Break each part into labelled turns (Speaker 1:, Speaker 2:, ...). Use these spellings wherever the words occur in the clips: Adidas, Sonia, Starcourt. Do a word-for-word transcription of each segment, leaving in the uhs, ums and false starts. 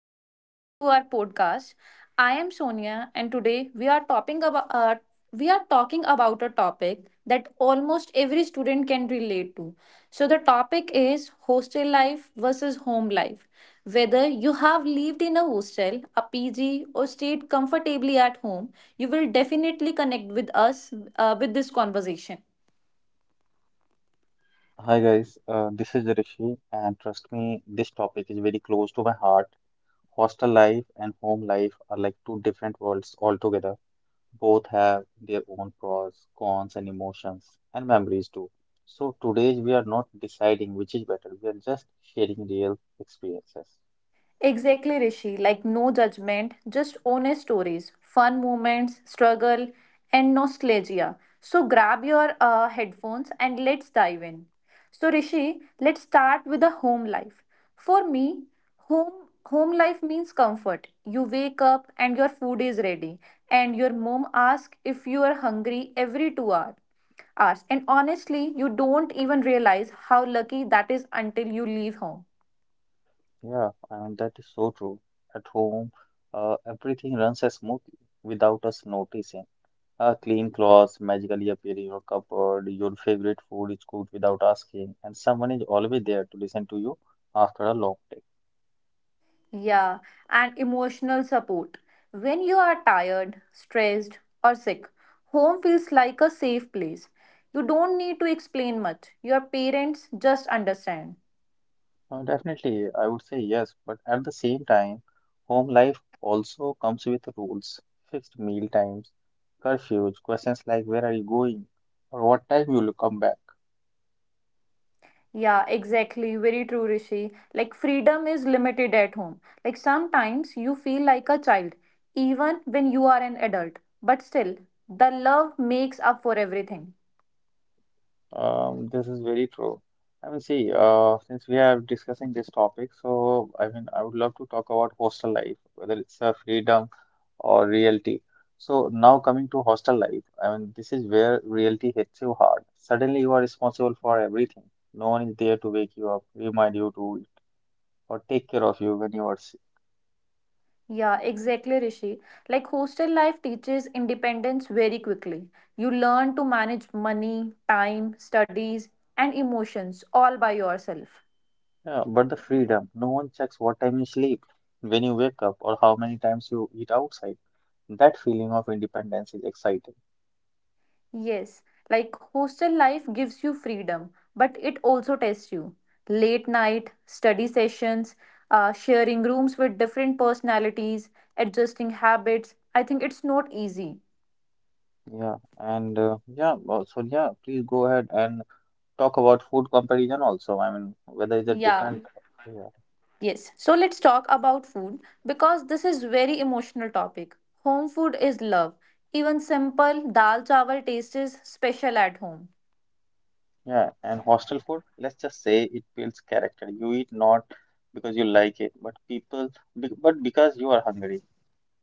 Speaker 1: welcome back to our podcast. I am Sonia, and today we are talking about uh, we are talking about a topic that almost every student can relate to. So, the topic is hostel life versus home life. Whether you have lived in a hostel, a P G, or stayed comfortably at home, you will definitely connect with us uh, with this conversation.
Speaker 2: Hi guys, uh, this is Rishi, and trust me, this topic is very close to my heart. Hostel life and home life are like two different worlds altogether. Both have their own pros, cons, and emotions, and memories too. So today we are not deciding which is better, we are just sharing real experiences.
Speaker 1: Exactly, Rishi. Like no judgment, just honest stories, fun moments, struggle, and nostalgia. So grab your uh, headphones and let's dive in. So Rishi, let's start with the home life. For me, home home life means comfort. You wake up and your food is ready, and your mom asks if you are hungry every two hours hours. And honestly, you don't even realize how lucky that is until you leave home.
Speaker 2: Yeah, and that is so true. At home, uh, everything runs as smoothly without us noticing. Uh, clean clothes magically appear in your cupboard, your favorite food is cooked without asking, and someone is always there to listen to you after a long day.
Speaker 1: Yeah, and emotional support. When you are tired, stressed, or sick, home feels like a safe place. You don't need to explain much. Your parents just understand.
Speaker 2: Uh, definitely, I would say yes, but at the same time, home life also comes with rules, fixed meal times, curfews, questions like where are you going or what time you will come back.
Speaker 1: Yeah, exactly. Very true, Rishi. Like, freedom is limited at home. Like, sometimes you feel like a child, even when you are an adult. But still, the love makes up for everything.
Speaker 2: Um, this is very true. I mean, see, uh, since we are discussing this topic, so I mean, I would love to talk about hostel life, whether it's a freedom or reality. So now coming to hostel life, I mean, this is where reality hits you hard. Suddenly you are responsible for everything. No one is there to wake you up, remind you to eat, or take care of you when you are sick.
Speaker 1: Yeah, exactly, Rishi. Like hostel life teaches independence very quickly. You learn to manage money, time, studies, and emotions all by yourself.
Speaker 2: Yeah, but the freedom, no one checks what time you sleep, when you wake up, or how many times you eat outside. That feeling of independence is exciting.
Speaker 1: Yes, like hostel life gives you freedom, but it also tests you. Late night, study sessions, uh, sharing rooms with different personalities, adjusting habits. I think it's not easy.
Speaker 2: Yeah, and uh, yeah, well, so yeah, please go ahead and talk about food comparison also. I mean, whether it's a
Speaker 1: Yeah,
Speaker 2: different, yeah.
Speaker 1: Yes, so let's talk about food because this is very emotional topic. Home food is love. Even simple dal chawal taste is special at home.
Speaker 2: Yeah, and hostel food, let's just say it builds character. You eat not because you like it, but people, be- but because you are hungry.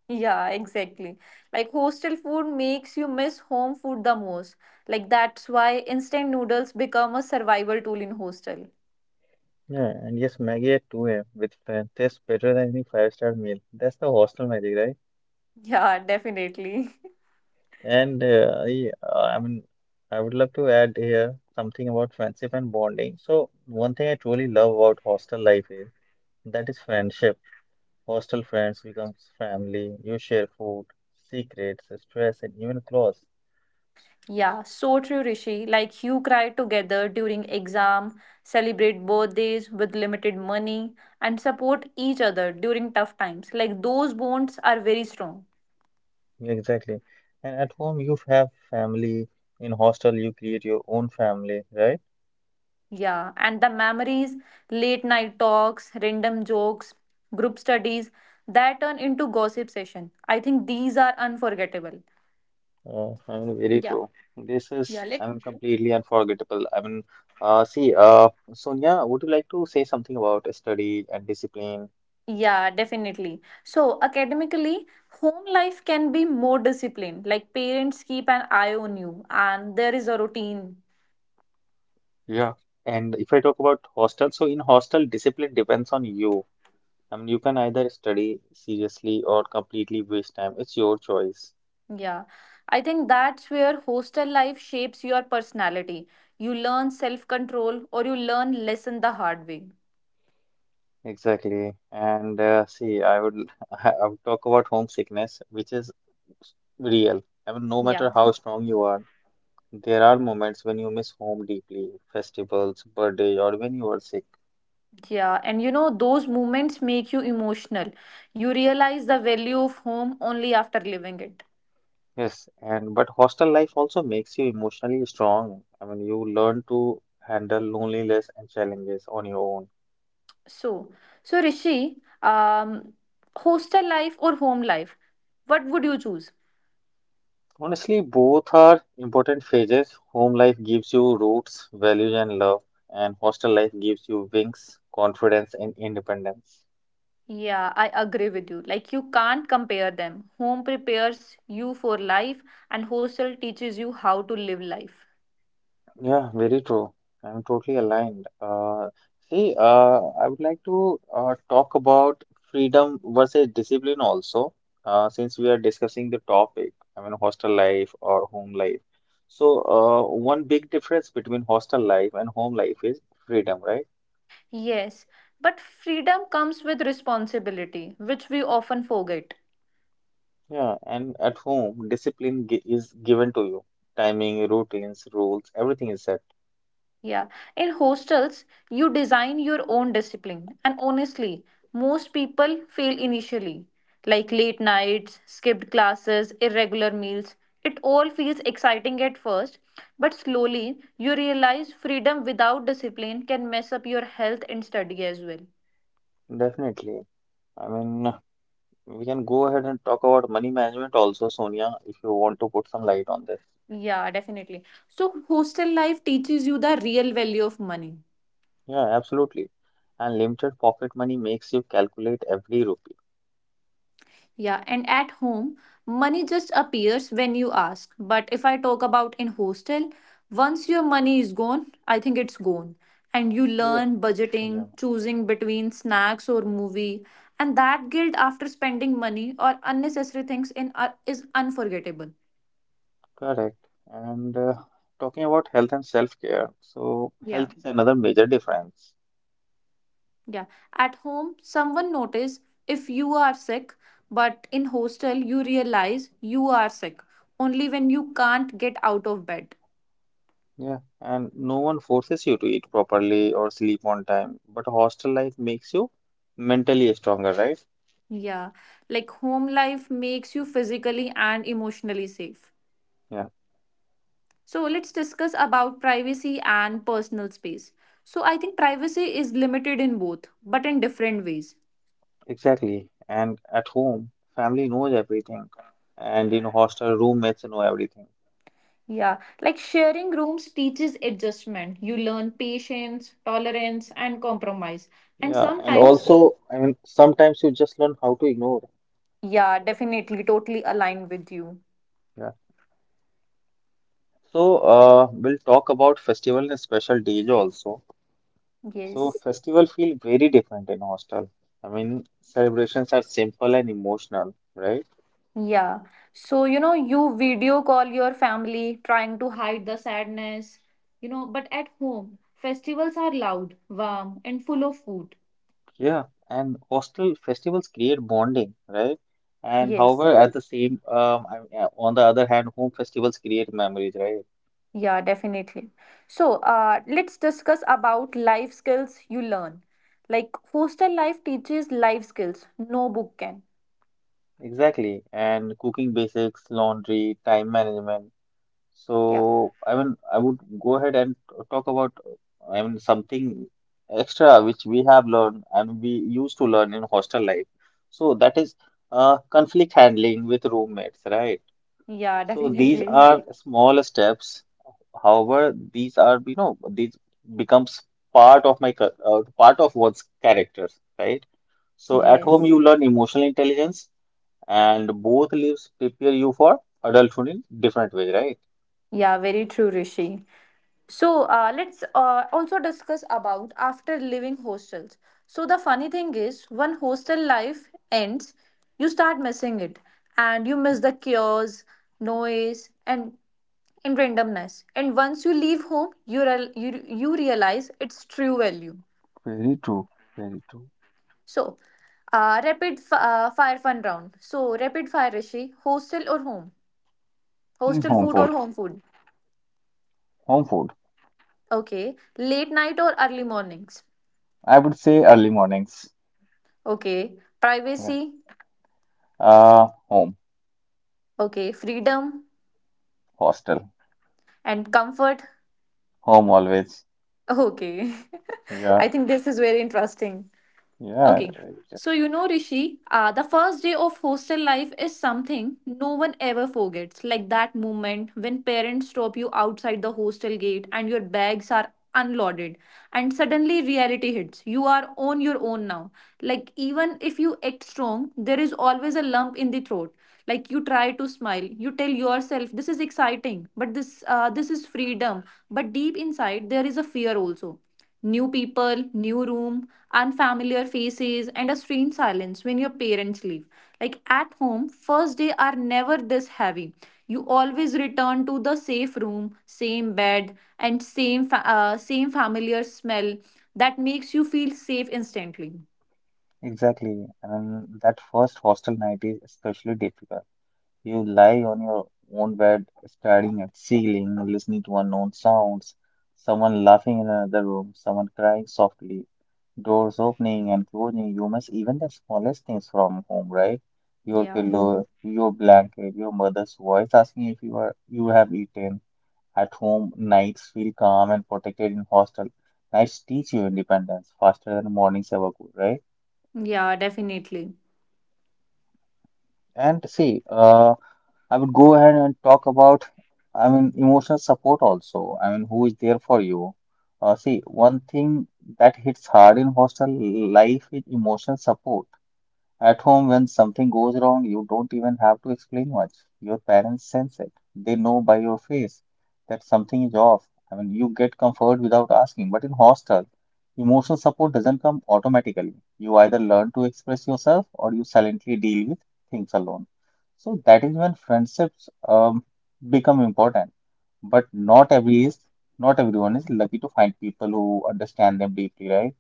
Speaker 1: Yeah, exactly. Like hostel food makes you miss home food the most. Like that's why instant noodles become a survival tool in hostel.
Speaker 2: Yeah, and yes, Maggie at two a m with friends tastes better than any five-star meal. That's the hostel magic, right?
Speaker 1: Yeah, definitely.
Speaker 2: And uh, I, uh, I mean, I would love to add here something about friendship and bonding. So one thing I truly love about hostel life is that is friendship. Hostel friends becomes family. You share food, secrets, stress, and even clothes.
Speaker 1: Yeah, so true, Rishi. Like you cry together during exam, celebrate birthdays with limited money, and support each other during tough times. Like those bonds are very strong.
Speaker 2: Exactly. And at home, you have family. In hostel, you create your own family, right?
Speaker 1: Yeah, and the memories, late night talks, random jokes, group studies that turn into gossip session. I think these are unforgettable.
Speaker 2: Uh, I mean, very
Speaker 1: Yeah,
Speaker 2: true. This
Speaker 1: yeah.
Speaker 2: is,
Speaker 1: Let
Speaker 2: I mean, completely unforgettable. I mean, uh, see, uh, Sonia, would you like to say something about study and discipline?
Speaker 1: Yeah, definitely. So, academically, home life can be more disciplined. Like parents keep an eye on you and there is a routine.
Speaker 2: Yeah. And if I talk about hostel, so in hostel, discipline depends on you. I mean, you can either study seriously or completely waste time. It's your choice.
Speaker 1: Yeah. I think that's where hostel life shapes your personality. You learn self-control or you learn lesson the hard way.
Speaker 2: Exactly. And uh, see, I would I would talk about homesickness, which is real. I mean, no
Speaker 1: Yeah.
Speaker 2: matter how strong you are, there are moments when you miss home deeply, festivals, birthday, or when you are sick.
Speaker 1: Yeah, and you know those moments make you emotional. You realize the value of home only after living it.
Speaker 2: Yes, and but hostel life also makes you emotionally strong. I mean, you learn to handle loneliness and challenges on your own.
Speaker 1: So, so Rishi, um, hostel life or home life, what would you choose?
Speaker 2: Honestly, both are important phases. Home life gives you roots, values, and love, and hostel life gives you wings, confidence, and independence.
Speaker 1: Yeah, I agree with you. Like, you can't compare them. Home prepares you for life, and hostel teaches you how to live life.
Speaker 2: Yeah, very true. I'm totally aligned. Uh, see, uh, I would like to uh, talk about freedom versus discipline also, uh, since we are discussing the topic, I mean, hostel life or home life. So, uh, one big difference between hostel life and home life is freedom, right?
Speaker 1: Yes, but freedom comes with responsibility, which we often forget.
Speaker 2: Yeah, and at home, discipline gi is given to you. Timing, routines, rules, everything is set.
Speaker 1: Yeah. In hostels, you design your own discipline. And honestly, most people fail initially. Like late nights, skipped classes, irregular meals. It all feels exciting at first, but slowly you realize freedom without discipline can mess up your health and study as well.
Speaker 2: Definitely. I mean, we can go ahead and talk about money management also, Sonia, if you want to put some light on this.
Speaker 1: Yeah, definitely. So, hostel life teaches you the real value of money.
Speaker 2: Yeah, absolutely. And limited pocket money makes you calculate every rupee.
Speaker 1: Yeah, and at home, money just appears when you ask. But if I talk about in hostel, once your money is gone, I think it's gone. And you
Speaker 2: Yeah,
Speaker 1: learn
Speaker 2: yeah,
Speaker 1: budgeting, choosing between snacks or movie, and that guilt after spending money or unnecessary things in uh, is unforgettable.
Speaker 2: correct. And uh, talking about health and self-care, so
Speaker 1: Yeah.
Speaker 2: health is another major difference.
Speaker 1: Yeah. At home, someone notice if you are sick, but in hostel you realize you are sick only when you can't get out of bed.
Speaker 2: Yeah, and no one forces you to eat properly or sleep on time, but hostel life makes you mentally stronger, right?
Speaker 1: Yeah, like home life makes you physically and emotionally safe.
Speaker 2: Yeah,
Speaker 1: So let's discuss about privacy and personal space. So I think privacy is limited in both, but in different ways.
Speaker 2: exactly. And at home, family knows everything, and in hostel, roommates know everything.
Speaker 1: Yeah, like sharing rooms teaches adjustment. You learn patience, tolerance, and compromise. And
Speaker 2: Yeah, and
Speaker 1: sometimes,
Speaker 2: also, I mean, sometimes you just learn how to ignore.
Speaker 1: yeah, definitely, totally aligned with you.
Speaker 2: Yeah. So, uh, we'll talk about festival and special days also. So,
Speaker 1: Yes.
Speaker 2: festival feel very different in hostel. I mean, celebrations are simple and emotional, right?
Speaker 1: Yeah. So, you know, you video call your family trying to hide the sadness, you know, but at home, festivals are loud, warm, and full of food.
Speaker 2: Yeah, and hostel festivals create bonding, right? And
Speaker 1: Yes.
Speaker 2: however, at the same, um, I mean, uh, on the other hand, home festivals create memories, right?
Speaker 1: Yeah, definitely. So, uh, let's discuss about life skills you learn. Like, hostel life teaches life skills, no book can.
Speaker 2: Exactly. And cooking basics, laundry, time management.
Speaker 1: Yeah.
Speaker 2: So, I mean, I would go ahead and talk about, uh, I mean, something extra which we have learned and we used to learn in hostel life. So that is, uh, conflict handling with roommates, right?
Speaker 1: Yeah,
Speaker 2: So these
Speaker 1: definitely.
Speaker 2: are small steps. However, these are, you know, these becomes part of my, cul- uh, part of one's character, right? So at home,
Speaker 1: Yes.
Speaker 2: you learn emotional intelligence and both lives prepare you for adulthood in different way, right?
Speaker 1: Yeah, very true, Rishi. So uh, let's uh, also discuss about after leaving hostels. So the funny thing is, when hostel life ends, you start missing it, and you miss the chaos, noise, and and randomness. And once you leave home, you real you, you realize its true value.
Speaker 2: Very true. Very true.
Speaker 1: So, uh, rapid f- uh, fire fun round. So rapid fire, Rishi, hostel or home?
Speaker 2: Mm,
Speaker 1: Hostel
Speaker 2: home
Speaker 1: food or
Speaker 2: food.
Speaker 1: home food?
Speaker 2: Home food.
Speaker 1: Okay. Late night or early mornings?
Speaker 2: I would say early mornings.
Speaker 1: Okay.
Speaker 2: Yeah.
Speaker 1: Privacy.
Speaker 2: Uh, home.
Speaker 1: Okay, freedom
Speaker 2: Hostel.
Speaker 1: and comfort.
Speaker 2: Home always.
Speaker 1: Okay.
Speaker 2: Yeah.
Speaker 1: I think this is very interesting.
Speaker 2: Yeah.
Speaker 1: Okay. So, you know, Rishi, uh, the first day of hostel life is something no one ever forgets. Like that moment when parents stop you outside the hostel gate and your bags are unloaded, and suddenly reality hits. You are on your own now. Like, even if you act strong, there is always a lump in the throat. Like, you try to smile, you tell yourself, this is exciting, but this, uh, this is freedom. But deep inside, there is a fear also. New people, new room, unfamiliar faces, and a strange silence when your parents leave. Like at home, first day are never this heavy. You always return to the safe room, same bed, and same fa- uh, same familiar smell that makes you feel safe instantly.
Speaker 2: Exactly. And that first hostel night is especially difficult. You lie on your own bed, staring at ceiling, listening to unknown sounds, someone laughing in another room, someone crying softly, doors opening and closing. You miss even the smallest things from home, right? Your
Speaker 1: Yeah.
Speaker 2: pillow, your blanket, your mother's voice asking if you are you have eaten. At home, nights feel calm and protected in hostel. Nights teach you independence faster than mornings ever could, right?
Speaker 1: Yeah, definitely.
Speaker 2: And see, uh, I would go ahead and talk about, I mean, emotional support also. I mean, who is there for you? Uh, see, one thing that hits hard in hostel life is emotional support. At home, when something goes wrong, you don't even have to explain much. Your parents sense it. They know by your face that something is off. I mean, you get comfort without asking. But in hostel, emotional support doesn't come automatically. You either learn to express yourself or you silently deal with things alone. So that is when friendships um, become important. But not every is not everyone is lucky to find people who understand them deeply, right?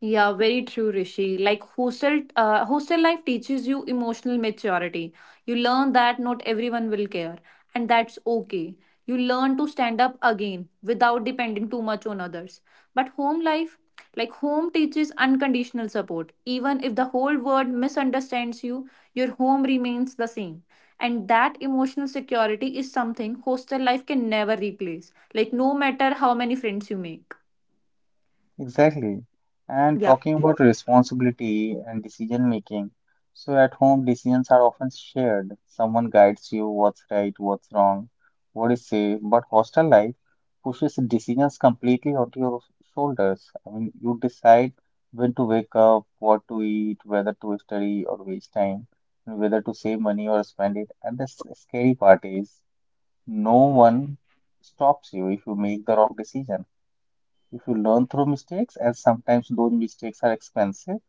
Speaker 1: Yeah, very true, Rishi. Like hostel, uh, hostel life teaches you emotional maturity. You learn that not everyone will care, and that's okay. You learn to stand up again without depending too much on others. But home life, like home teaches unconditional support. Even if the whole world misunderstands you, your home remains the same. And that emotional security is something hostel life can never replace. Like no matter how many friends you make.
Speaker 2: Exactly. And
Speaker 1: Yeah.
Speaker 2: talking about responsibility and decision making. So at home, decisions are often shared. Someone guides you what's right, what's wrong, what is safe. But hostel life pushes decisions completely onto your shoulders. I mean, you decide when to wake up, what to eat, whether to study or waste time, and whether to save money or spend it. And the s- scary part is, no one stops you if you make the wrong decision. If you learn through mistakes, as sometimes those mistakes are expensive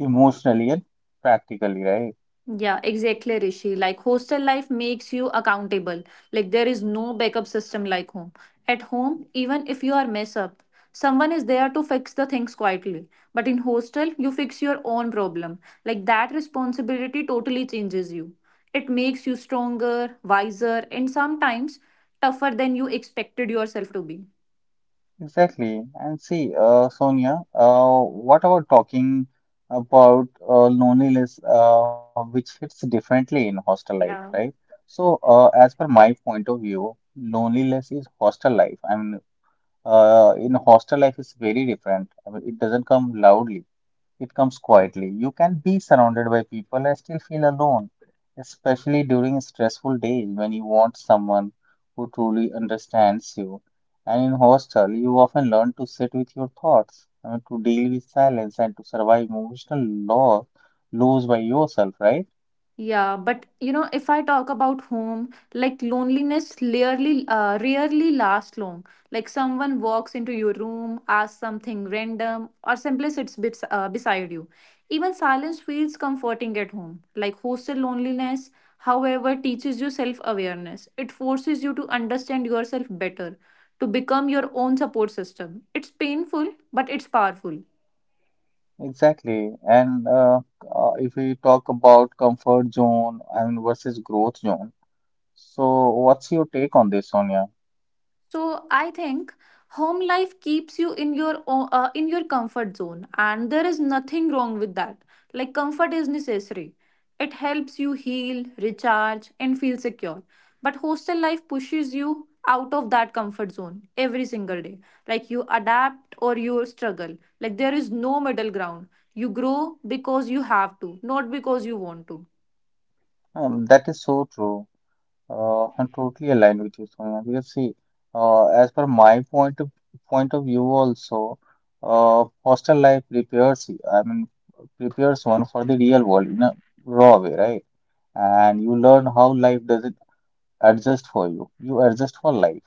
Speaker 2: emotionally and practically, right?
Speaker 1: Yeah, exactly, Rishi. Like hostel life makes you accountable. Like there is no backup system like home. At home, even if you are mess up, someone is there to fix the things quietly. But in hostel, you fix your own problem. Like that responsibility totally changes you. It makes you stronger, wiser, and sometimes tougher than you expected yourself to be.
Speaker 2: Exactly. And see, uh, Sonia, uh, what about talking about uh, loneliness, uh, which hits differently in hostel life, right?
Speaker 1: Yeah.
Speaker 2: So, uh, as per my point of view, loneliness is hostel life. I mean, uh, in hostel life is very different. I mean, it doesn't come loudly. It comes quietly. You can be surrounded by people and still feel alone, especially during stressful days when you want someone who truly understands you. And in hostel, you often learn to sit with your thoughts, I mean, to deal with silence and to survive emotional loss, lose by yourself, right?
Speaker 1: Yeah, but you know, if I talk about home, like loneliness rarely uh, rarely lasts long. Like someone walks into your room, asks something random, or simply sits bits, uh, beside you. Even silence feels comforting at home. Like hostel loneliness, however, teaches you self-awareness. It forces you to understand yourself better, to become your own support system. It's painful, but it's powerful.
Speaker 2: Exactly. And uh, uh, If we talk about comfort zone, I mean, versus growth zone. So, what's your take on this, Sonia?
Speaker 1: So I think home life keeps you in your o- uh, in your comfort zone, and there is nothing wrong with that. Like comfort is necessary. It helps you heal, recharge, and feel secure. But hostel life pushes you out of that comfort zone every single day. Like you adapt or you struggle. Like there is no middle ground. You grow because you have to, not because you want to.
Speaker 2: Um, that is so true. Uh, I'm totally aligned with you, Sonia. Because see, uh, as per my point of point of view also, uh, hostel life prepares you. I mean, prepares one for the real world in a raw way, right? And you learn how life doesn't adjust for you. You adjust for life.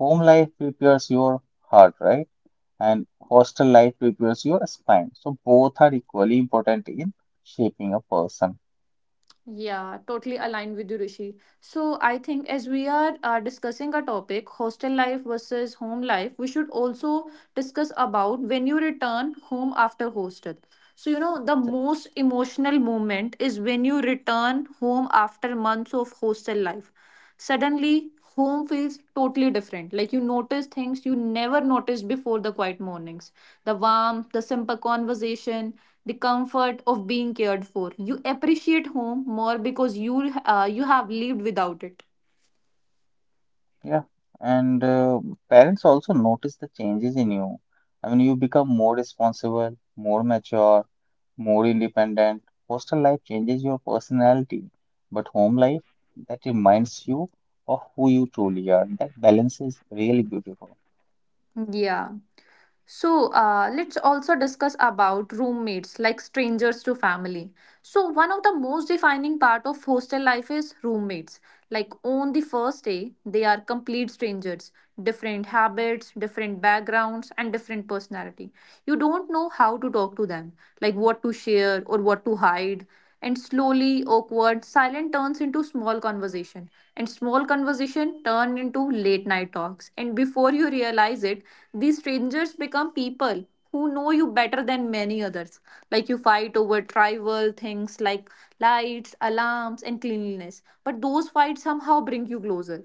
Speaker 2: Home life prepares your heart, right? And hostel life prepares your spine. So both are equally important in shaping a person. So,
Speaker 1: Yeah, totally aligned with you, Rishi. So I think as we are uh, discussing a topic, hostel life versus home life, we should also discuss about when you return home after hostel. So you know the most emotional moment is when you return home after months of hostel life. Suddenly, home feels totally different. Like you notice things you never noticed before, the quiet mornings, the warmth, the simple conversation, the comfort of being cared for. You appreciate home more because you uh, you have lived without it.
Speaker 2: yeah, and uh, parents also notice the changes in you. I mean, you become more responsible, more mature, more independent. Hostel life changes your personality, but home life that reminds you of who you truly are. That balance is really beautiful.
Speaker 1: Yeah. So uh, let's also discuss about roommates, like strangers to family. So one of the most defining part of hostel life is roommates. Like on the first day, they are complete strangers, different habits, different backgrounds, and different personality. You don't know how to talk to them, like what to share or what to hide. And slowly awkward silent turns into small conversation, and small conversation turn into late night talks, and before you realize it, these strangers become people who know you better than many others. Like you fight over trivial things like lights, alarms, and cleanliness, but those fights somehow bring you closer.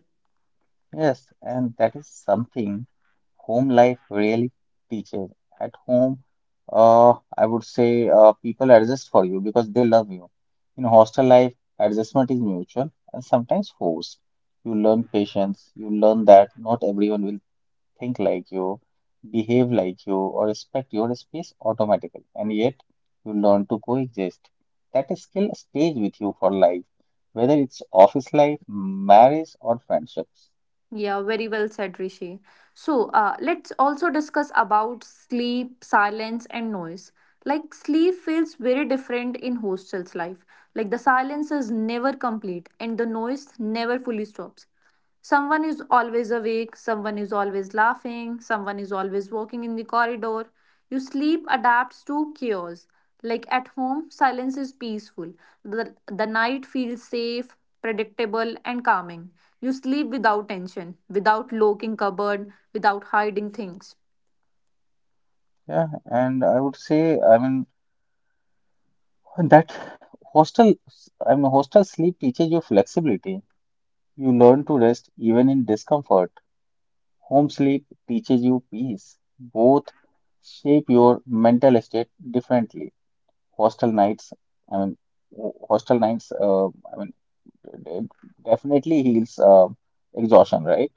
Speaker 2: Yes, and that is something home life really teaches. At home, uh, I would say uh, people adjust for you because they love you. In hostel life, adjustment is mutual and sometimes forced. You learn patience, you learn that not everyone will think like you, behave like you, or respect your space automatically, and yet you learn to coexist. That skill stays with you for life, whether it's office life, marriage, or friendships.
Speaker 1: Yeah, very well said, Rishi. So, uh, let's also discuss about sleep, silence, and noise. Like sleep feels very different in hostels life. Like the silence is never complete and the noise never fully stops. Someone is always awake, someone is always laughing, someone is always walking in the corridor. Your sleep adapts to chaos. Like at home, silence is peaceful. The, the night feels safe, predictable, and calming. You sleep without tension, without locking cupboard, without hiding things.
Speaker 2: Yeah, and I would say, I mean, that hostel, I mean, hostel sleep teaches you flexibility. You learn to rest even in discomfort. Home sleep teaches you peace. Both shape your mental state differently. Hostel nights, I mean, hostel nights, uh, I mean, it definitely heals uh, exhaustion, right?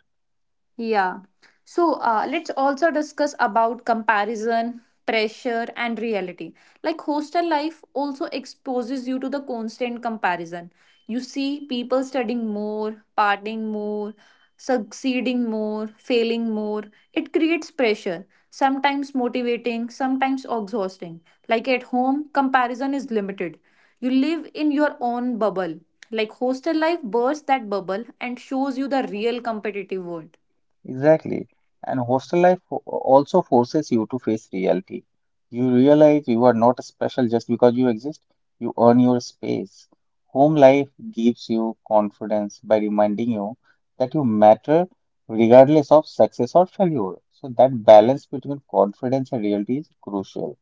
Speaker 1: Yeah. So uh, let's also discuss about comparison, pressure, and reality. Like hostel life also exposes you to the constant comparison. You see people studying more, partying more, succeeding more, failing more. It creates pressure, sometimes motivating, sometimes exhausting. Like at home, comparison is limited. You live in your own bubble. Like hostel life bursts that bubble and shows you the real competitive world.
Speaker 2: Exactly. And hostel life fo- also forces you to face reality. You realize you are not special just because you exist. You earn your space. Home life gives you confidence by reminding you that you matter regardless of success or failure. So that balance between confidence and reality is crucial.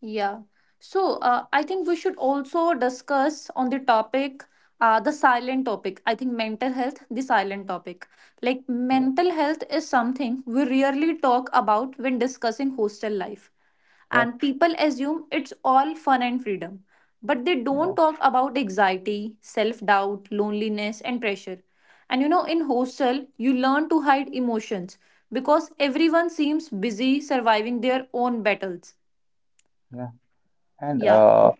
Speaker 1: Yeah. So uh, I think we should also discuss on the topic, uh, the silent topic. I think mental health, the silent topic. Like
Speaker 2: Yeah,
Speaker 1: mental health is something we rarely talk about when discussing hostel life.
Speaker 2: yeah,
Speaker 1: And people assume it's all fun and freedom. But they
Speaker 2: yeah,
Speaker 1: don't talk about anxiety, self doubt, loneliness, and pressure. And you know, in hostel, you learn to hide emotions because everyone seems busy surviving their own battles.
Speaker 2: yeah. And
Speaker 1: Yeah.
Speaker 2: uh,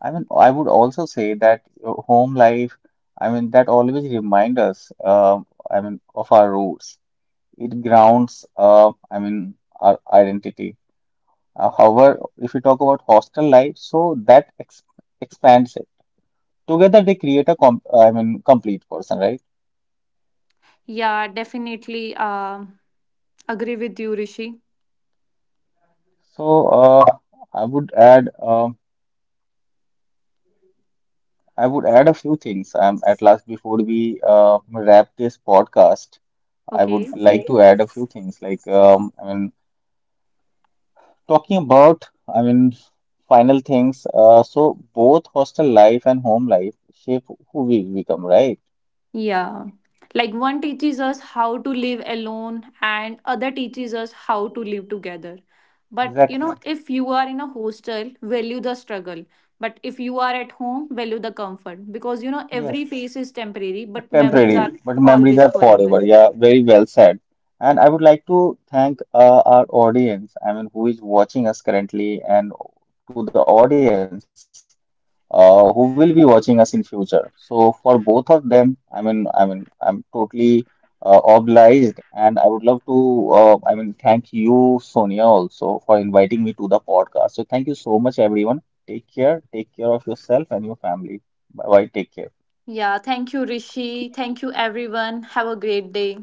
Speaker 2: I mean, I would also say that uh, home life, I mean, that always reminds us, uh, I mean, of our roots. It grounds, uh, I mean, our identity. Uh, however, if we talk about hostel life, so that ex expands it. Together, they create a com I mean, complete person, right?
Speaker 1: Yeah, definitely, uh, agree with you, Rishi.
Speaker 2: So, uh, I would add, uh, I would add a few things um, at last before we uh, wrap this podcast. I would
Speaker 1: Okay.
Speaker 2: like Okay. to add a few things like um, I mean talking about I mean final things. Uh, so both hostel life and home life shape who we become, right?
Speaker 1: Yeah. Like one teaches us how to live alone and other teaches us how to live together. But you know,
Speaker 2: Exactly.
Speaker 1: if you are in a hostel, value the struggle. But if you are at home, value the comfort. Because you know, every
Speaker 2: Yes.
Speaker 1: phase is temporary, but memories
Speaker 2: Temporary,
Speaker 1: are
Speaker 2: but memories
Speaker 1: always
Speaker 2: are
Speaker 1: forever.
Speaker 2: forever. Yeah, very well said. And I would like to thank uh, our audience, I mean, who is watching us currently, and to the audience uh, who will be watching us in future. So for both of them, I mean, I mean, I'm totally uh, obliged, and I would love to, uh, I mean, thank you, Sonia, also for inviting me to the podcast. So thank you so much, everyone. Take care. Take care of yourself and your family. Bye bye. Take care.
Speaker 1: Yeah, thank you, Rishi. Thank you, everyone. Have a great day.